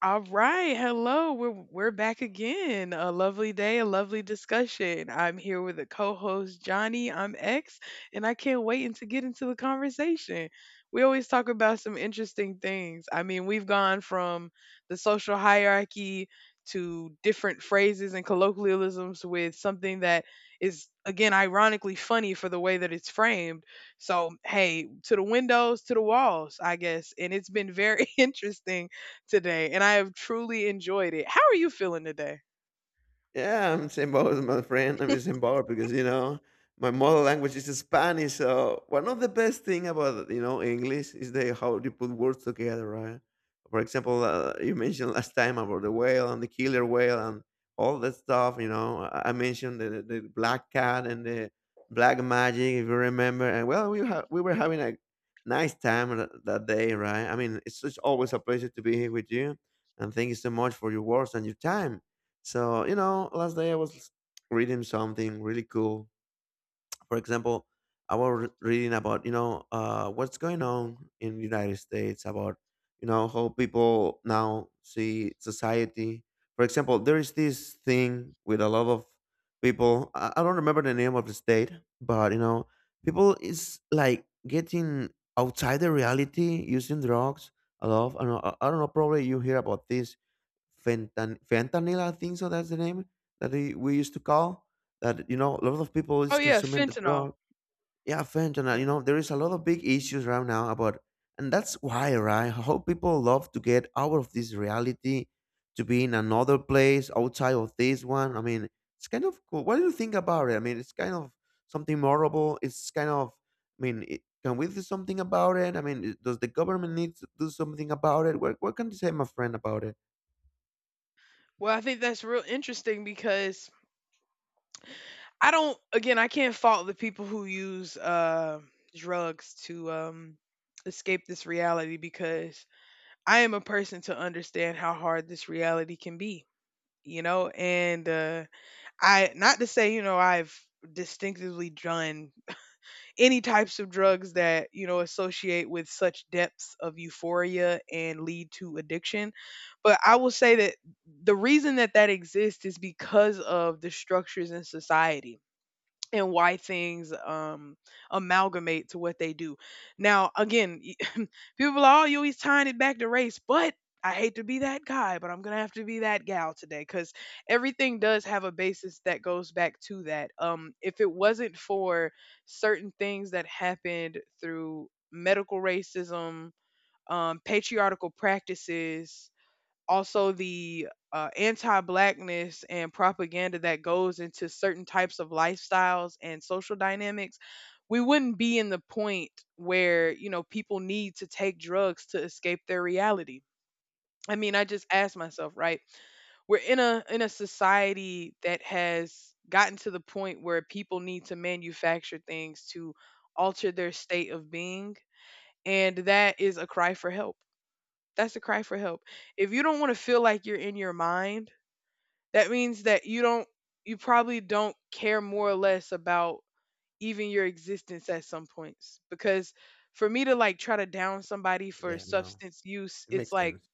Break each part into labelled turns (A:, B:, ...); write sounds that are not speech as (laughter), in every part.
A: All right, hello. We're back again. A lovely day, a lovely discussion. I'm here with the co-host Johnny. I'm X, and I can't wait to get into the conversation. We always talk about some interesting things. I mean, we've gone from the social hierarchy to different phrases and colloquialisms with something that is again ironically funny for the way that it's framed. So, hey, to the windows, to the walls, I guess. And it's been very (laughs) interesting today, and I have truly enjoyed it. How are you feeling today?
B: Yeah, I'm same my friend. I'm in the Because you know my mother language is Spanish. So one of the best thing about English is the how you put words together, right? For example, you mentioned last time about the whale and the killer whale and all that stuff. You know, I mentioned the black cat and the black magic, if you remember. And well, we were having a nice time that day, right? I mean, it's just always a pleasure to be here with you, and thank you so much for your words and your time. So, last day I was reading something really cool. For example, I was reading about, what's going on in the United States about, how people now see society. For example, there is this thing with a lot of people. I don't remember the name of the state, but, people is like getting outside the reality using drugs. A lot. I don't know, I don't know. Probably you hear about this fentanyl, I think so. That's the name that we used to call that. You know, a lot of people
A: Oh
B: is
A: yeah,
B: consuming the
A: fentanyl.
B: drug. Yeah, fentanyl.
A: Yeah.
B: You know, there is a lot of big issues right now about, and that's why, right, how people love to get out of this reality to be in another place outside of this one. I mean, it's kind of cool. What do you think about it? I mean, it's kind of something horrible. It's kind of, I mean, can we do something about it? I mean, does the government need to do something about it? What can you say my friend about it?
A: Well, I think that's real interesting because I don't, again, I can't fault the people who use drugs to escape this reality because I am a person to understand how hard this reality can be, you know? And I, not to say, you know, I've distinctively done any types of drugs that you know associate with such depths of euphoria and lead to addiction, but I will say that the reason that that exists is because of the structures in society and why things amalgamate to what they do. Now, again, (laughs) people are all always tying it back to race, but I hate to be that guy, but I'm gonna have to be that gal today because everything does have a basis that goes back to that. If it wasn't for certain things that happened through medical racism, patriarchal practices, also the anti-blackness and propaganda that goes into certain types of lifestyles and social dynamics, we wouldn't be in the point where you know people need to take drugs to escape their reality. I mean, I just ask myself, right, we're in a society that has gotten to the point where people need to manufacture things to alter their state of being, and that is a cry for help. That's a cry for help. If you don't want to feel like you're in your mind, that means that you don't, you probably don't care more or less about even your existence at some points because for me to like try to down somebody for
B: Yeah, no,
A: substance use,
B: it
A: it's
B: makes
A: like,
B: sense.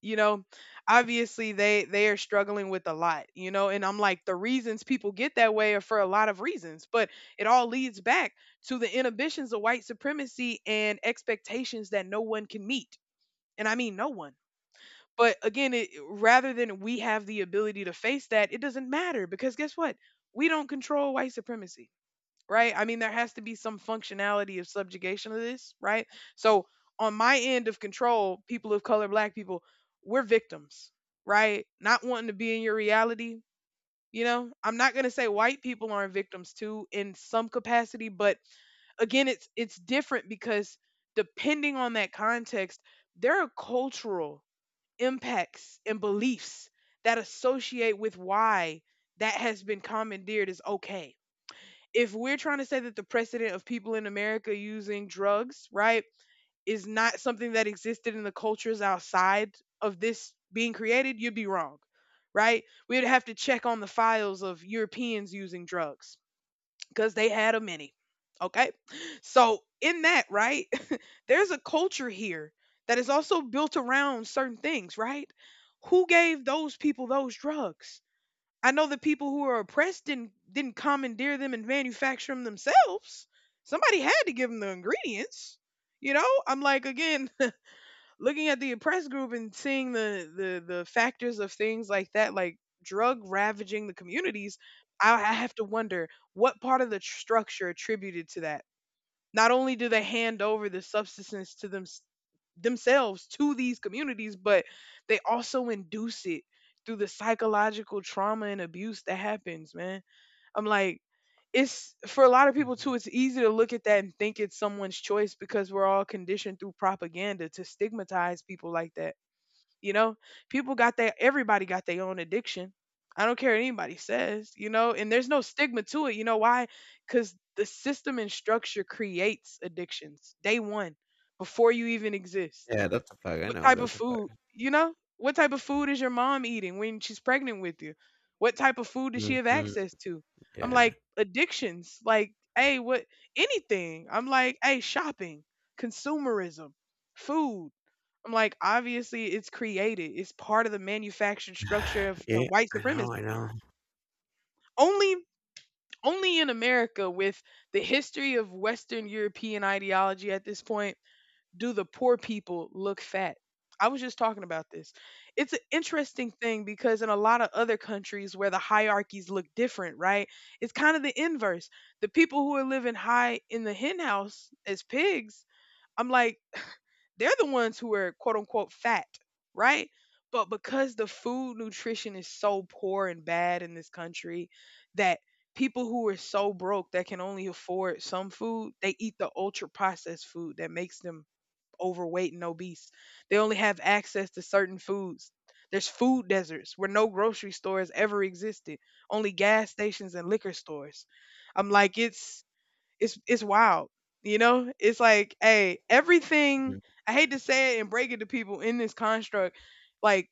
A: you know, obviously they are struggling with a lot, you know, and I'm like the reasons people get that way are for a lot of reasons, but it all leads back to the inhibitions of white supremacy and expectations that no one can meet. And I mean no one. But again, it, rather than we have the ability to face that, it doesn't matter because guess what? We don't control white supremacy, right? I mean, there has to be some functionality of subjugation of this, right? So on my end of control, people of color, black people, we're victims, right? Not wanting to be in your reality. You know, I'm not going to say white people aren't victims too in some capacity, but again it's different because depending on that context there are cultural impacts and beliefs that associate with why that has been commandeered is okay. If we're trying to say that the precedent of people in America using drugs, right, is not something that existed in the cultures outside of this being created, you'd be wrong, right? We'd have to check on the files of Europeans using drugs because they had a mini. Okay. So, in that, right, (laughs) there's a culture here that is also built around certain things, right? Who gave those people those drugs? I know the people who are oppressed didn't commandeer them and manufacture them themselves. Somebody had to give them the ingredients. You know, I'm like, again, looking at the oppressed group and seeing the the factors of things like that like drug ravaging the communities. I have to wonder what part of the structure attributed to that. Not only do they hand over the substance to them themselves to these communities, but they also induce it through the psychological trauma and abuse that happens, man. I'm like, it's for a lot of people
B: Mhm.
A: too, it's easy to look at that and think it's someone's choice because we're all conditioned through propaganda to stigmatize people like that. You know, people got their, everybody got their own addiction. I don't care what anybody says, you know, and there's no stigma to it. You know why? Because the system and structure creates addictions day one before you even exist.
B: Yeah, that's a fact, I
A: What
B: know,
A: type of
B: that's a
A: food,
B: fact.
A: you know? What type of food is your mom eating when she's pregnant with you? What type of food does she have
B: Mhm,
A: access to? I'm
B: yeah.
A: like, addictions, like, hey, what, anything. I'm like, hey, shopping, consumerism, food. I'm like, obviously it's created. It's part of the manufactured structure of to
B: Yeah,
A: white
B: I
A: supremacy.
B: know, I know.
A: Only only in America with the history of Western European ideology at this point do the poor people look fat? I was just talking about this. It's an interesting thing because in a lot of other countries where the hierarchies look different, right? It's kind of the inverse. The people who are living high in the hen house as pigs, I'm like, (laughs) they're the ones who are quote unquote fat, right? But because the food nutrition is so poor and bad in this country that people who are so broke that can only afford some food, they eat the ultra processed food that makes them overweight and obese. They only have access to certain foods. There's food deserts where no grocery stores ever existed, only gas stations and liquor stores. I'm like it's it's wild. You know? It's like, hey, everything,
B: Mm,
A: I hate to say it and break it to people in this construct like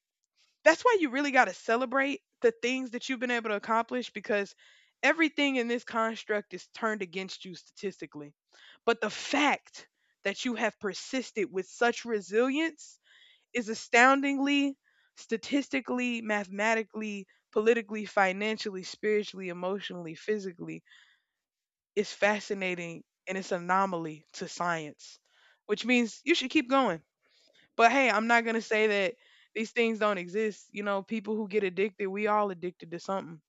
A: that's why you really got to celebrate the things that you've been able to accomplish because everything in this construct is turned against you statistically. But the fact that you have persisted with such resilience is astoundingly, statistically, mathematically, politically, financially, spiritually, emotionally, physically, is fascinating and it's an anomaly to science, which means you should keep going. But hey, I'm not gonna say that these things don't exist. You know, people who get addicted, we all addicted to something.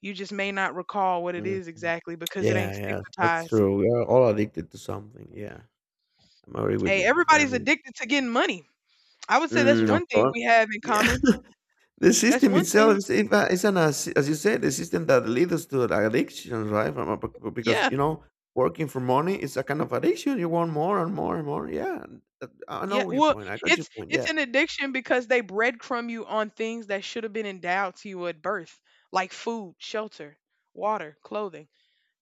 A: You just may not recall what it is
B: mhm.
A: exactly because it
B: Yeah,
A: ain't
B: yeah, that's
A: stigmatized.
B: true. We are all addicted to something, yeah. I'm agree with
A: Hey,
B: you, my friend, I
A: everybody's
B: mean.
A: addicted to getting money. I would say that's
B: Mm, of
A: one thing
B: course.
A: we have in
B: Yeah,
A: common.
B: (laughs) the
A: That's
B: system
A: one thing.
B: itself is, if is an, as you said, the system that leads us to the addiction, right? From a b b because,
A: Yeah.
B: you know, working for money is a kind of addiction, you want more and more and more, yeah. That I
A: Yeah.
B: know your
A: Well,
B: point, I got your
A: it's
B: point,
A: it's
B: yeah.
A: an addiction because they breadcrumb you on things that should have been endowed to you at birth, like food, shelter, water, clothing.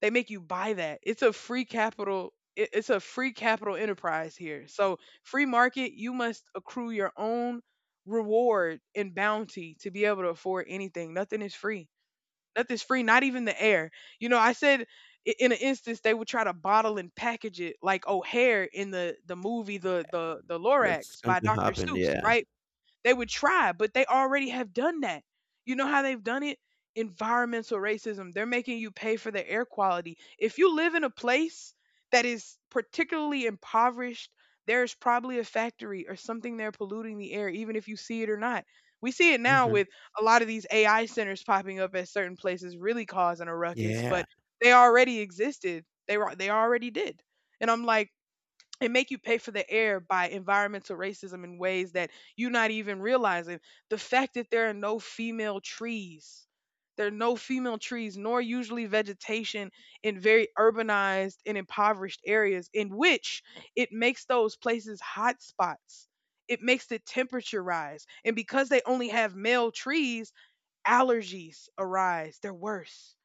A: They make you buy that. It's a free capital, it's a free capital enterprise here. So, free market, you must accrue your own reward and bounty to be able to afford anything. Nothing is free. Nothing's free, not even the air. You know, I said, in an instance they would try to bottle and package it like O'Hare in the movie the
B: That's
A: Lorax
B: going
A: by
B: to
A: Dr.
B: happen,
A: Seuss,
B: yeah.
A: right? They would try, but they already have done that. You know how they've done it? Environmental racism. They're making you pay for the air quality. If you live in a place that is particularly impoverished, there's probably a factory or something there polluting the air, even if you see it or not. We see it now
B: Mhm.
A: with a lot of these AI centers popping up at certain places, really causing a ruckus,
B: Yeah,
A: but they already existed. They were, they already did. And I'm like, and make you pay for the air by environmental racism in ways that you're not even realizing. The fact that there are no female trees, there are no female trees, nor usually vegetation in very urbanized and impoverished areas, in which it makes those places hot spots. It makes the temperature rise. And because they only have male trees, allergies arise. They're worse.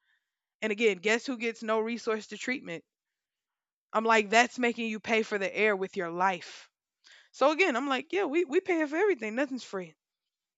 A: And again, guess who gets no resource to treatment? I'm like, that's making you pay for the air with your life. So again, I'm like, yeah, we paying for everything. Nothing's free.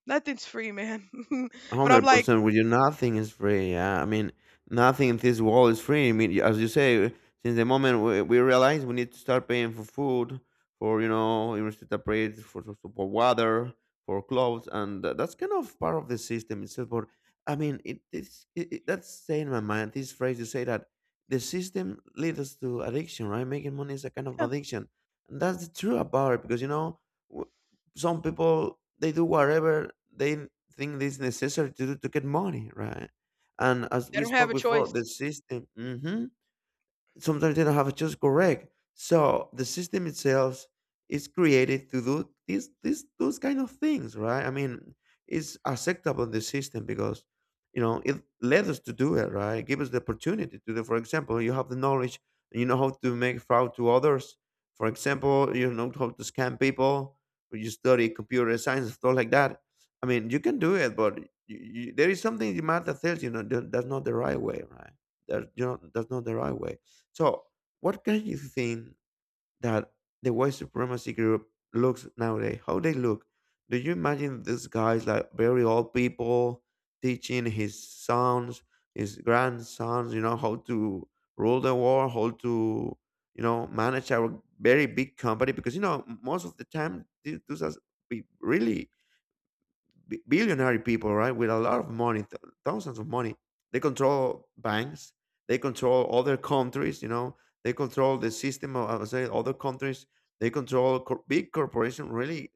A: Nothing's free, man. (laughs) But I'm like,
B: 100% with you, nothing is free. Yeah, I mean, nothing in this world is free. I mean, as you say, since the moment we realize we need to start paying for food, for university upgrades, for water, for clothes, and that's kind of part of the system itself. But I mean, it, it's it, it- that's staying in my mind. This phrase you say that the system leads us to addiction, right? Making money is a kind of
A: yeah,
B: addiction, and that's the truth about it because you know, some people they do whatever they think is necessary to do to get money, right? And as
A: they
B: we
A: don't have
B: spoke
A: a
B: before,
A: choice.
B: the system. Hmm, sometimes they don't have a choice. Correct. So the system itself is created to do these those kind of things, right? I mean, it's acceptable in the system because you know it led us to do it, right? Give us the opportunity to do. For example, you have the knowledge, you know how to make fraud to others. For example, you know how to scam people. When you study computer science and stuff like that, I mean, you can do it, but there is something in math that tells you know that that's not the right way, right? That you know that's not the right way. So, what can you think that the white supremacy group looks nowadays? How they look? Do you imagine these guys like very old people teaching his sons, his grandsons, you know, how to rule the world, how to, you know, manage our very big company? Because you know, most of the time, those are really billionaire people, right, with a lot of money, thousands of money. They control banks. They control other countries. You know, they control the system of, I would say, other countries. They control big corporations, really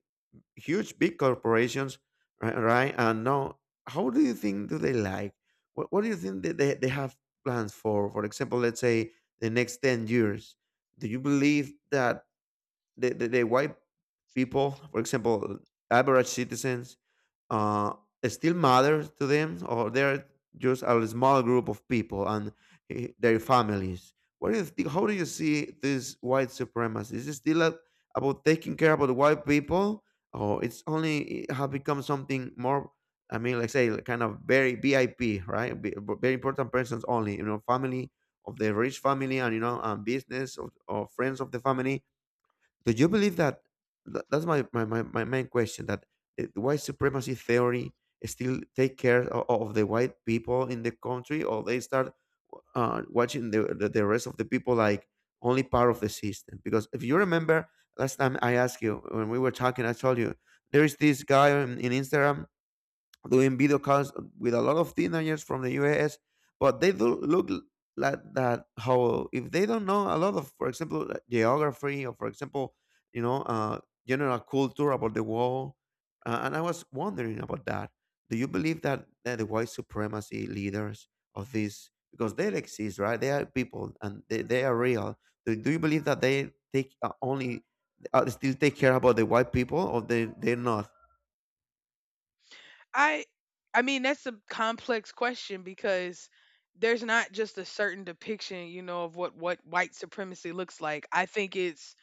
B: huge big corporations, right? Right. And now, how do you think do they like? What do you think that they have plans for? For example, let's say the next 10 years. Do you believe that the white people, for example, average citizens, uh, still matter to them, or they're just a small group of people and their families. What do you think, how do you see this white supremacy? Is it still about taking care about white people, or it's only it have become something more? I mean, like say, like kind of very VIP, right? Very important persons only, you know, family of the rich family, and you know, and business of, or friends of the family. Do you believe that's my main question, that white supremacy theory still take care of the white people in the country, or they start watching the rest of the people like only part of the system. Because if you remember last time I asked you when we were talking, I told you there is this guy in Instagram doing video calls with a lot of teenagers from the US, but they do look like that how if they don't know a lot of, for example, like geography or for example, you know, uh, general culture about the world. And I was wondering about that. Do you believe that the white supremacy leaders of this, because they exist, right? They are people and they are real. Do you believe that they take only, still take care about the white people, or they're not?
A: I I mean that's a complex question because there's not just a certain depiction, you know, of what white supremacy looks like. I think it's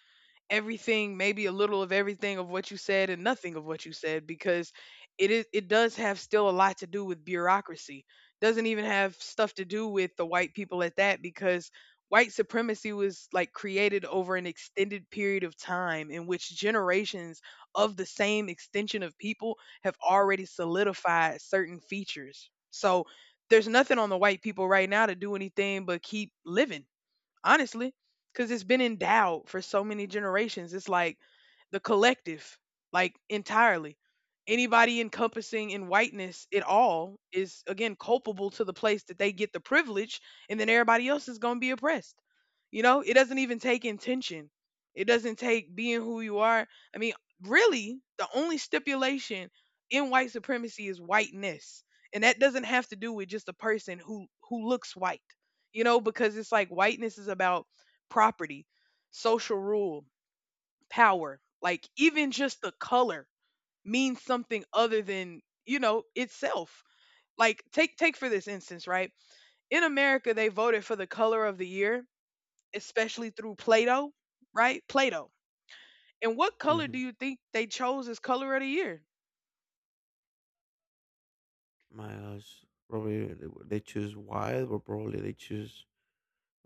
A: everything, maybe a little of everything of what you said and nothing of what you said because it does have still a lot to do with bureaucracy. Doesn't even have stuff to do with the white people at that because white supremacy was like created over an extended period of time in which generations of the same extension of people have already solidified certain features. So there's nothing on the white people right now to do anything but keep living, honestly, because it's been endowed for so many generations. It's like the collective, like entirely. Anybody encompassing in whiteness at all is again culpable to the place that they get the privilege, and then everybody else is going to be oppressed. It doesn't even take intention. It doesn't take being who you are. I mean, really, the only stipulation in white supremacy is whiteness, and that doesn't have to do with just a person who looks white, because it's like whiteness is about property, social rule, power. Like even just the color means something other than, itself. Like take for this instance, right? In America they voted for the color of the year, especially through Play-Doh, right? Play-Doh. And what color do you think they chose as color of the year?
B: My gosh, probably they choose white, or probably they choose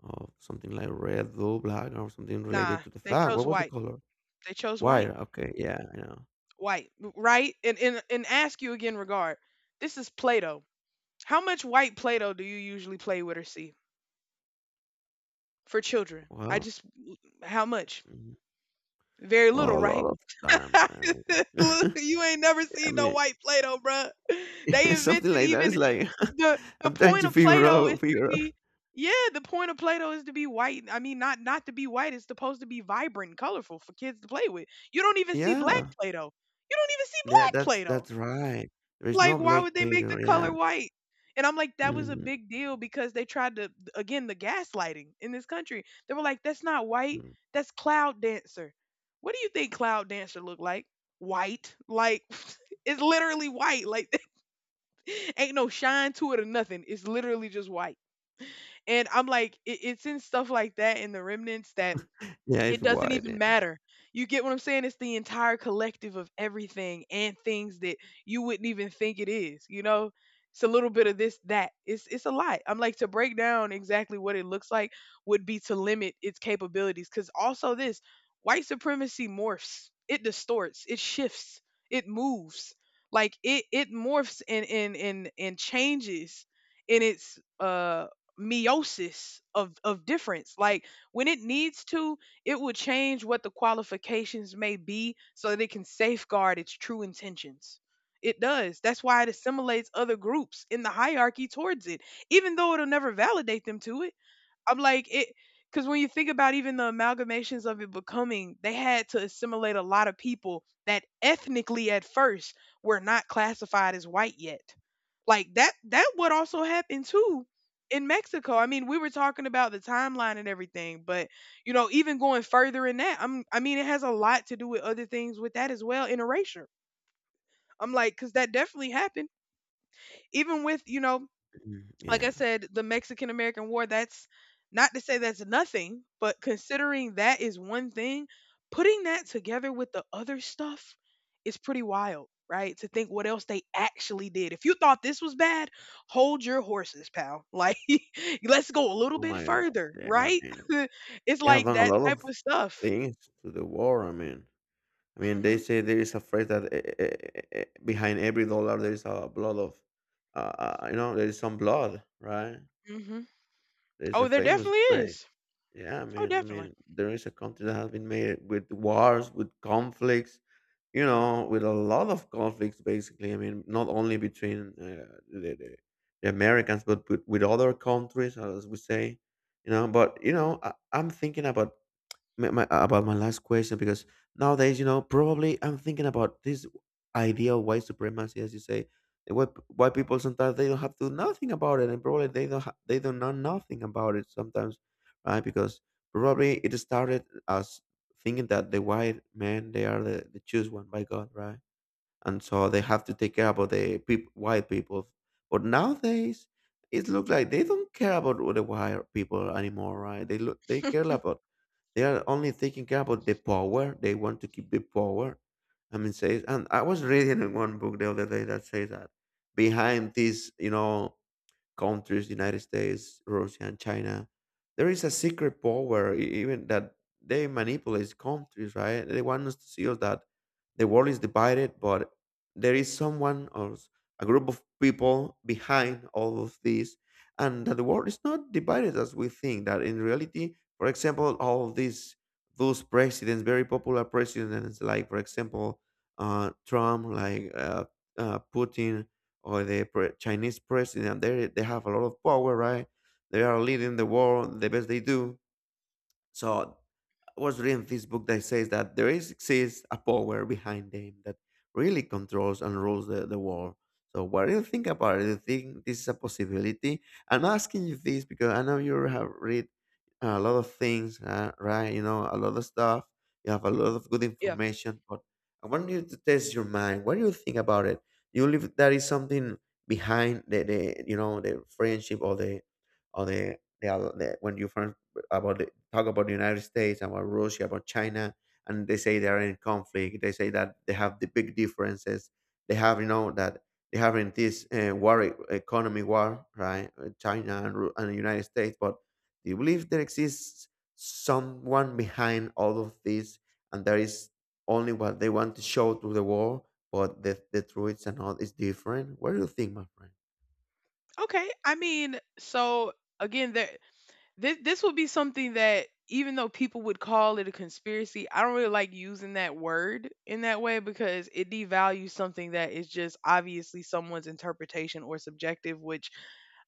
B: something like red, blue, black, or something related
A: Nah,
B: to the
A: they
B: flag.
A: chose
B: What was the
A: white.
B: color?
A: They chose
B: White.
A: white.
B: Okay, yeah, I know.
A: White, right? And ask you again regard. This is Play-Doh. How much white Play-Doh do you usually play with or see for children? I
B: Well,
A: just How much?
B: mhm.
A: Very little,
B: Well, a lot
A: right?
B: of time. Right?
A: (laughs)
B: I
A: Look,
B: mean,
A: you ain't never
B: (laughs) I
A: seen no
B: mean,
A: white Play-Doh, bruh. They
B: (laughs) something
A: invented
B: like that
A: even
B: is like
A: the
B: (laughs)
A: the
B: I'm trying
A: point
B: to
A: of
B: figure
A: Play-Doh is
B: out,
A: to
B: figure out.
A: the point of Play-Doh is to be white. I mean, not to be white. It's supposed to be vibrant, and colorful for kids to play with. You don't even see black
B: Yeah,
A: Play-Doh. You don't even see
B: yeah,
A: black Play-Doh.
B: that's right. There is
A: Like,
B: no
A: why would
B: black
A: they make the
B: painter. Yeah.
A: color white? And I'm like, that was a
B: Mhm,
A: big deal because they tried to, again, the gaslighting in this country. They were like, that's not white,
B: mm.
A: that's cloud dancer. What do you think cloud dancer look like? White. Like, (laughs) it's literally white. Like, (laughs) ain't no shine to it or nothing. It's literally just white. And I'm like, it's in stuff like that in the remnants that
B: Yeah,
A: it
B: it's
A: doesn't
B: white.
A: even
B: Yeah.
A: matter. You get what I'm saying? It's the entire collective of everything and things that you wouldn't even think it is, you know? It's a little bit of this, that. It's a lot. I'm like to break down exactly what it looks like would be to limit its capabilities. Cause also this, white supremacy morphs. It distorts. It shifts. It moves. Like it morphs and changes in its meiosis of difference. Like when it needs to it will change what the qualifications may be so that it can safeguard its true intentions. It does. That's why it assimilates other groups in the hierarchy towards it, even though it'll never validate them to it. I'm like it, because when you think about even the amalgamations of it becoming, they had to assimilate a lot of people that ethnically at first were not classified as white yet. Like that would also happen too in Mexico. I mean, we were talking about the timeline and everything, but even going further in that, I mean, it has a lot to do with other things with that as well, in erasure. I'm like, because that definitely happened. Even with,
B: Mhm,
A: like I
B: yeah.
A: said, the Mexican American War, that's not to say that's nothing, but considering that is one thing, putting that together with the other stuff is pretty wild, right? To think what else they actually did. If you thought this was bad, hold your horses, pal. Like, (laughs) let's go a little
B: Oh
A: bit
B: my God.
A: further,
B: Yeah, I
A: right?
B: mean,
A: (laughs) It's
B: they have
A: like
B: done a
A: that
B: lot
A: type
B: of
A: of stuff.
B: things to the war. I mean, they
A: Hmm.
B: say there is a phrase that behind every dollar there is a blood of, uh, you know, there is some blood, right?
A: Hmm.
B: There is a
A: Oh, there
B: famous
A: definitely
B: phrase.
A: is.
B: Yeah,
A: Oh,
B: I
A: definitely.
B: mean, there is a country that has been made with wars, with conflicts, you know, with a lot of conflicts, basically. I mean, not only between the Americans, but with other countries, as we say, you know. But you know, I'm thinking about about my last question because nowadays, you know, probably I'm thinking about this idea of white supremacy, as you say. And White people sometimes they don't have to do nothing about it, and probably they don't they don't know nothing about it sometimes, right? Because probably it started as thinking that the white men they are the choose one by God, right? And so they have to take care about the white people. But nowadays, it looks like they don't care about the white people anymore, right? They look they care about, they are only thinking about the power. They want to keep the power. I mean, says, and I was reading in one book the other day that says that behind this, you know, countries, United States, Russia, and China, there is a secret power, even that they manipulate countries, right? They want us to see us that the world is divided, but there is someone or a group of people behind all of this, and that the world is not divided as we think. That in reality, for example, all these those presidents, very popular presidents, like for example, Trump, like Putin, or the Chinese president. They have a lot of power, right? They are leading the world the best they do, so I was reading this book that says that there is exists a power behind them that really controls and rules the world. So what do you think about it? Do you think this is a possibility? I'm asking you this because I know you have read a lot of things, right? You know, a lot of stuff. You have a lot of good
A: Yeah.
B: information, but I want you to test your mind. What do you think about it? You believe that is something behind the you know the friendship or the when you first about the, talk about the United States, about Russia, about China, and they say they are in conflict. They say that they have the big differences. They have, you know, that they have in this economy war, right? China and the United States, but do you believe there exists someone behind all of this, and there is only what they want to show to the world, but the truth and all is different? What do you think, my friend?
A: Okay. I mean, so again, there This this would be something that even though people would call it a conspiracy, I don't really like using that word in that way because it devalues something that is just obviously someone's interpretation or subjective, which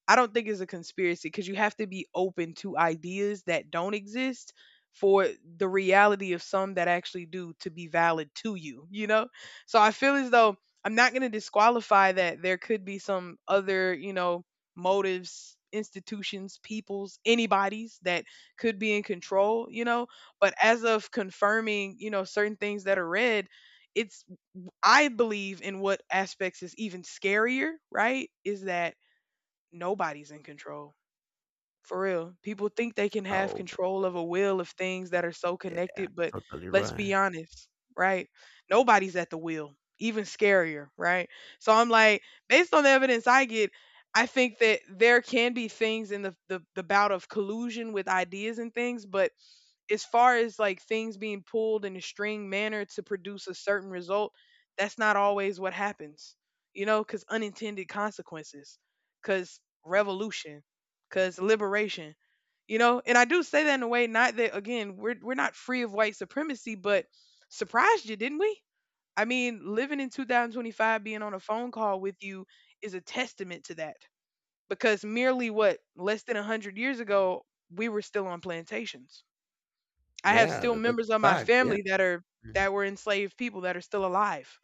A: I don't think it's a conspiracy because you have to be open to ideas that don't exist for the reality of some that actually do to be valid to you, you know? So I feel as though I'm not going to disqualify that there could be some other, motives, institutions, peoples, anybody's that could be in control, you know? But as of confirming, certain things that are read, it's, I believe in what aspects is even scarier, right? Is that nobody's in control. For real. People think they can have
B: Oh my,
A: control of a will of things that are so
B: yeah,
A: connected, but
B: totally
A: let's
B: right.
A: be honest, right? Nobody's at the wheel, even scarier, right? So I'm like, based on the evidence I get, I think that there can be things in the, the bout of collusion with ideas and things, but as far as like things being pulled in a string manner to produce a certain result, that's not always what happens, because unintended consequences, because revolution, because liberation. And I do say that in a way, not that again, we're not free of white supremacy, but surprised you, didn't we? I mean, living in 2025, being on a phone call with you is a testament to that, because merely what, less than 100 years ago we were still on plantations. I have
B: Yeah,
A: still
B: that's
A: members
B: a
A: of my
B: fact. Yeah.
A: family that are that were enslaved people that are still alive.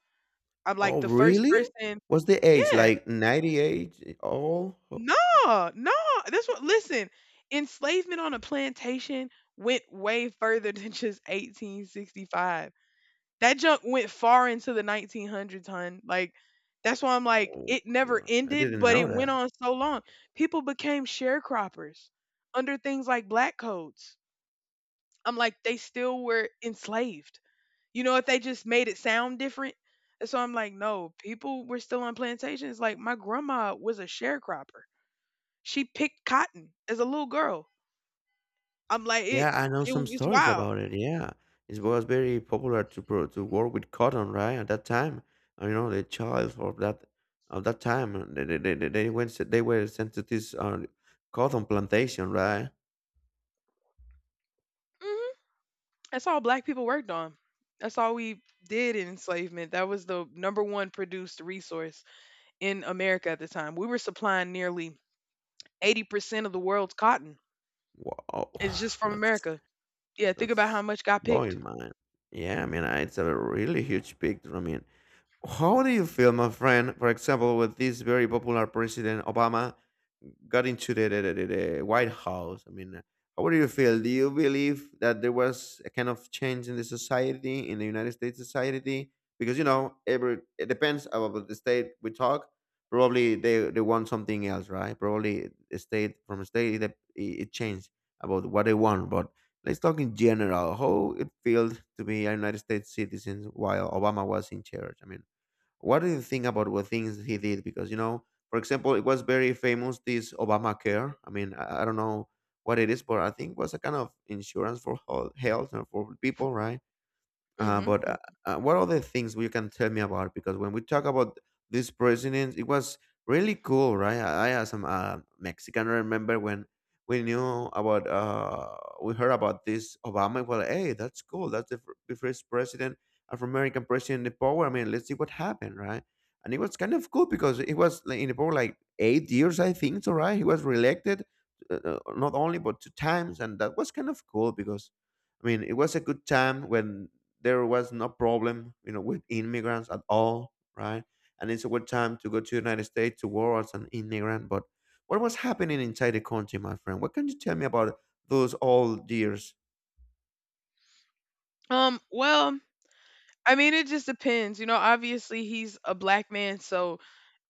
A: I'm like
B: Oh,
A: the first
B: really?
A: person.
B: What's the age?
A: Yeah.
B: Like 98?
A: No, no. That's what, listen, enslavement on a plantation went way further (laughs) than just 1865. That junk went far into the 1900s, hun. Like that's why I'm like
B: Oh,
A: it never
B: God. I
A: ended,
B: didn't
A: but
B: know
A: it went
B: that.
A: on so long. People became sharecroppers under things like black codes. I'm like they still were enslaved. You know, if they just made it sound different. And so I'm like, no, people were still on plantations. Like my grandma was a sharecropper, she picked cotton as a little girl. I'm like it.
B: Yeah, I know
A: It
B: some
A: was
B: stories
A: wild.
B: about it. Yeah, it was very popular to pro to work with cotton, right? At that time, you know, the child of that time, they were sent to this cotton plantation, right?
A: Hmm. That's all black people worked on. That's all we did in enslavement. That was the number one produced resource in America at the time. We were supplying nearly 80% of the world's cotton.
B: Wow,
A: It's just
B: (sighs)
A: from
B: that's
A: America. Yeah, think about how
B: that's
A: much got picked.
B: blowing mind. Yeah, I mean, it's a really huge picture. I mean, how do you feel, my friend, for example, with this very popular president Obama got into the White House? I mean, how do you feel? Do you believe that there was a kind of change in the society, in the United States society? Because, you know, every it depends about the state we talk. Probably they want something else, right? Probably a state from state it changed about what they want. But let's talk in general how it feels to be a United States citizen while Obama was in charge. I mean, what do you think about what things he did? Because you know, for example, it was very famous this Obamacare. I mean, I don't know what it is, but I think it was a kind of insurance for health, health and for people, right?
A: Hmm.
B: But what other things you can tell me about? Because when we talk about this president, it was really cool, right? I as a Mexican, remember when we knew about, we heard about this Obama. Well, hey, that's cool. That's the first president, Afro-American president in power. I mean, let's see what happened, right? And it was kind of cool because it was like, in the power like 8 years, I think, so, right? He was reelected not only, but two times. And that was kind of cool because I mean, it was a good time when there was no problem, you know, with immigrants at all, right? And it's a good time to go to the United States to work as an immigrant. But what was happening inside the country, my friend? What can you tell me about those old years?
A: Well, I mean, it just depends. You know, obviously he's a black man, so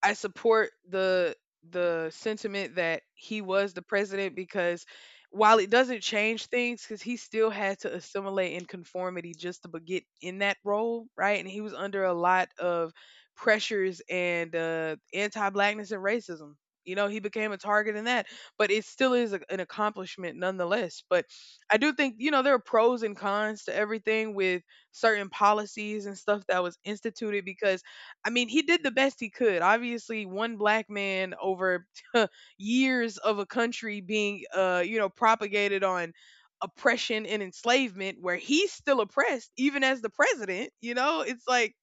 A: I support the sentiment that he was the president, because while it doesn't change things because he still had to assimilate in conformity just to get in that role, right, and he was under a lot of pressures and anti-blackness and racism. You know, he became a target in that, but it still is an accomplishment nonetheless. But I do think, you know, there are pros and cons to everything with certain policies and stuff that was instituted. Because I mean, he did the best he could. Obviously, one black man over (laughs) years of a country being, you know, propagated on oppression and enslavement, where he's still oppressed, even as the president. You know, it's like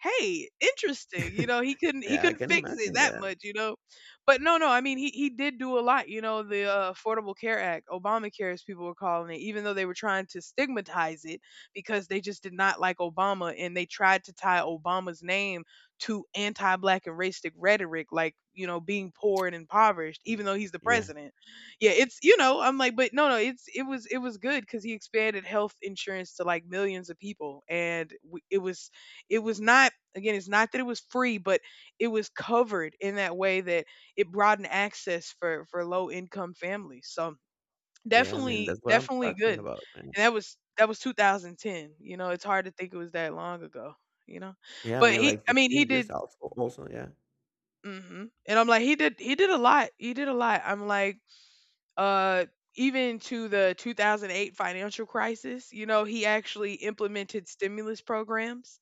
A: "Hey, interesting." You
B: (laughs)
A: know, he couldn't he
B: Yeah, I
A: couldn't
B: can
A: fix it
B: imagine
A: that
B: that.
A: much, you know. But no, no, I mean he did do a lot, you know, the Affordable Care Act, Obamacare as people were calling it, even though they were trying to stigmatize it because they just did not like Obama, and they tried to tie Obama's name to anti-black and racistic rhetoric like, you know, being poor and impoverished even though he's the
B: Yeah,
A: president. Yeah, it's, you know, I'm like, but no, no, it was good cuz he expanded health insurance to like millions of people, and it was, it was not, again, it's not that it was free, but it was covered in that way that it broadened access for low income families. So
B: yeah. I mean,
A: definitely,
B: that's what I'm
A: definitely
B: talking
A: good. And
B: about, man.
A: that was 2010. You know, it's hard to think it was that long ago. You know,
B: Yeah, I
A: but
B: mean,
A: he,
B: like
A: I mean, he
B: 15
A: did.
B: years also. Also, yeah.
A: Hmm. And I'm like, he did a lot. He did a lot. I'm like, uh, even to the 2008 financial crisis, you know, he actually implemented stimulus programs.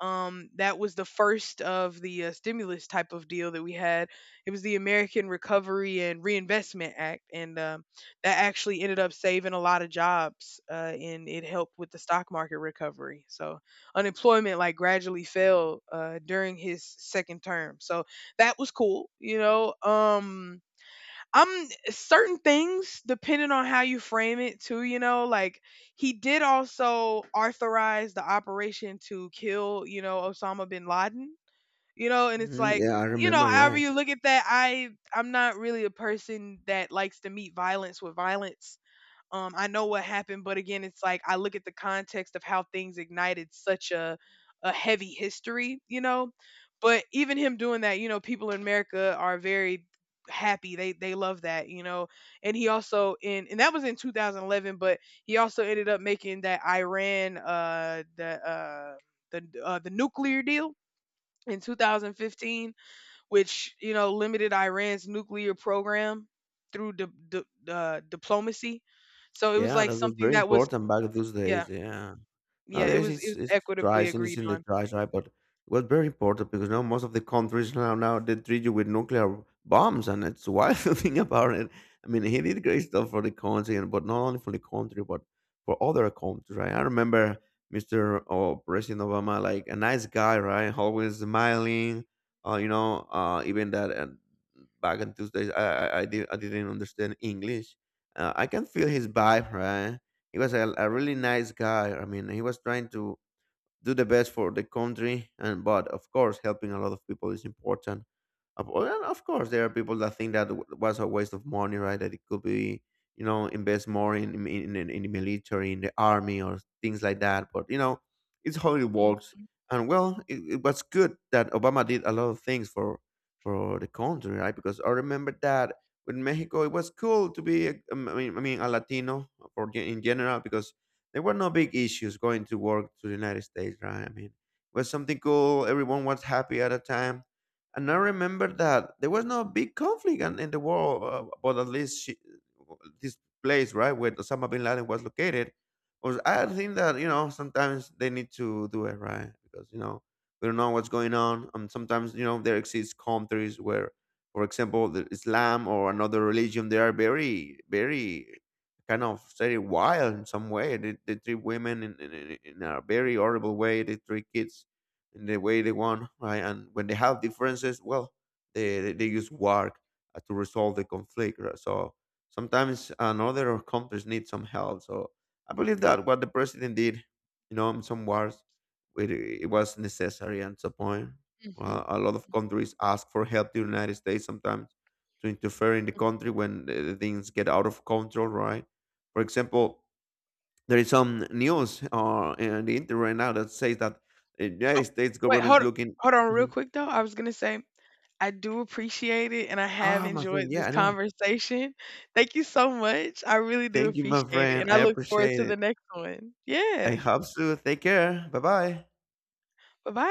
A: That was the first of the stimulus type of deal that we had. It was the American Recovery and Reinvestment Act, and that actually ended up saving a lot of jobs, and it helped with the stock market recovery. So unemployment like gradually fell during his second term. So that was cool, you know. Certain things, depending on how you frame it, too, you know, like he did also authorize the operation to kill, you know, Osama bin Laden, you know, and it's
B: Hmm,
A: like,
B: yeah, I
A: you know,
B: remember.
A: however
B: Yeah,
A: you look at that, I'm not really a person that likes to meet violence with violence. I know what happened, but again, it's like I look at the context of how things ignited such a heavy history, you know. But even him doing that, you know, people in America are very happy. They love that, you know. And he also in, and that was in 2011, but he also ended up making that Iran the nuclear deal in 2015, which you know limited Iran's nuclear program through diplomacy. So it was
B: yeah.
A: like
B: That was
A: something
B: very
A: that was,
B: important back those
A: yeah,
B: days. Yeah.
A: yeah, it
B: Nowadays,
A: was, it was
B: it's
A: equitably
B: trash and it's
A: agreed
B: in the
A: on.
B: trash, right? But it was very important because now most of the countries now they treat you with nuclear bombs, and it's wild (laughs) to think about it. I mean, he did great stuff for the country, and but not only for the country, but for other countries, right? I remember Mr. or President Obama, like a nice guy, right? Always smiling. You know, even that back in Tuesdays, I didn't understand English. I can feel his vibe, right? He was a really nice guy. I mean, he was trying to do the best for the country, and but of course, helping a lot of people is important. And of course, there are people that think that was a waste of money, right? That it could be, you know, invest more in in the military, in the army, or things like that. But you know, it's how it works. And well, it was good that Obama did a lot of things for the country, right? Because I remember that with Mexico, it was cool to be, I mean, a Latino in general, because there were no big issues going to work to the United States, right? I mean, it was something cool. Everyone was happy at a time and I remember that there was no big conflict in the world, but at least she, this place, right, where Osama bin Laden was located, was I think that you know sometimes they need to do it right because you know we don't know what's going on, and sometimes you know there exists countries where, for example, the Islam or another religion, they are very kind of very wild in some way. They treat women in a very horrible way. They treat kids in the way they want, right? And when they have differences, well, they use work to resolve the conflict. Right? So sometimes another or countries need some help. So I believe that what the president did, you know, in some wars, it was necessary at some point.
A: Mm-hmm.
B: Well, a lot of countries ask for help to the United States sometimes to interfere in the country when the things get out of control, right? For example, there is some news in the internet right now that says that the
A: Oh
B: United States
A: wait,
B: government is looking.
A: hold on real
B: Mhm.
A: quick, though, I was gonna say I do appreciate it and I have
B: Ah, my
A: enjoyed
B: friend. Yeah,
A: this
B: I know.
A: conversation. Thank you so much. I really do
B: Thank you, my
A: appreciate it
B: friend.
A: and I
B: I
A: look forward
B: appreciate
A: to the
B: it.
A: next one.
B: I
A: Yeah.
B: hope so. Take care. Bye bye.
A: Bye bye.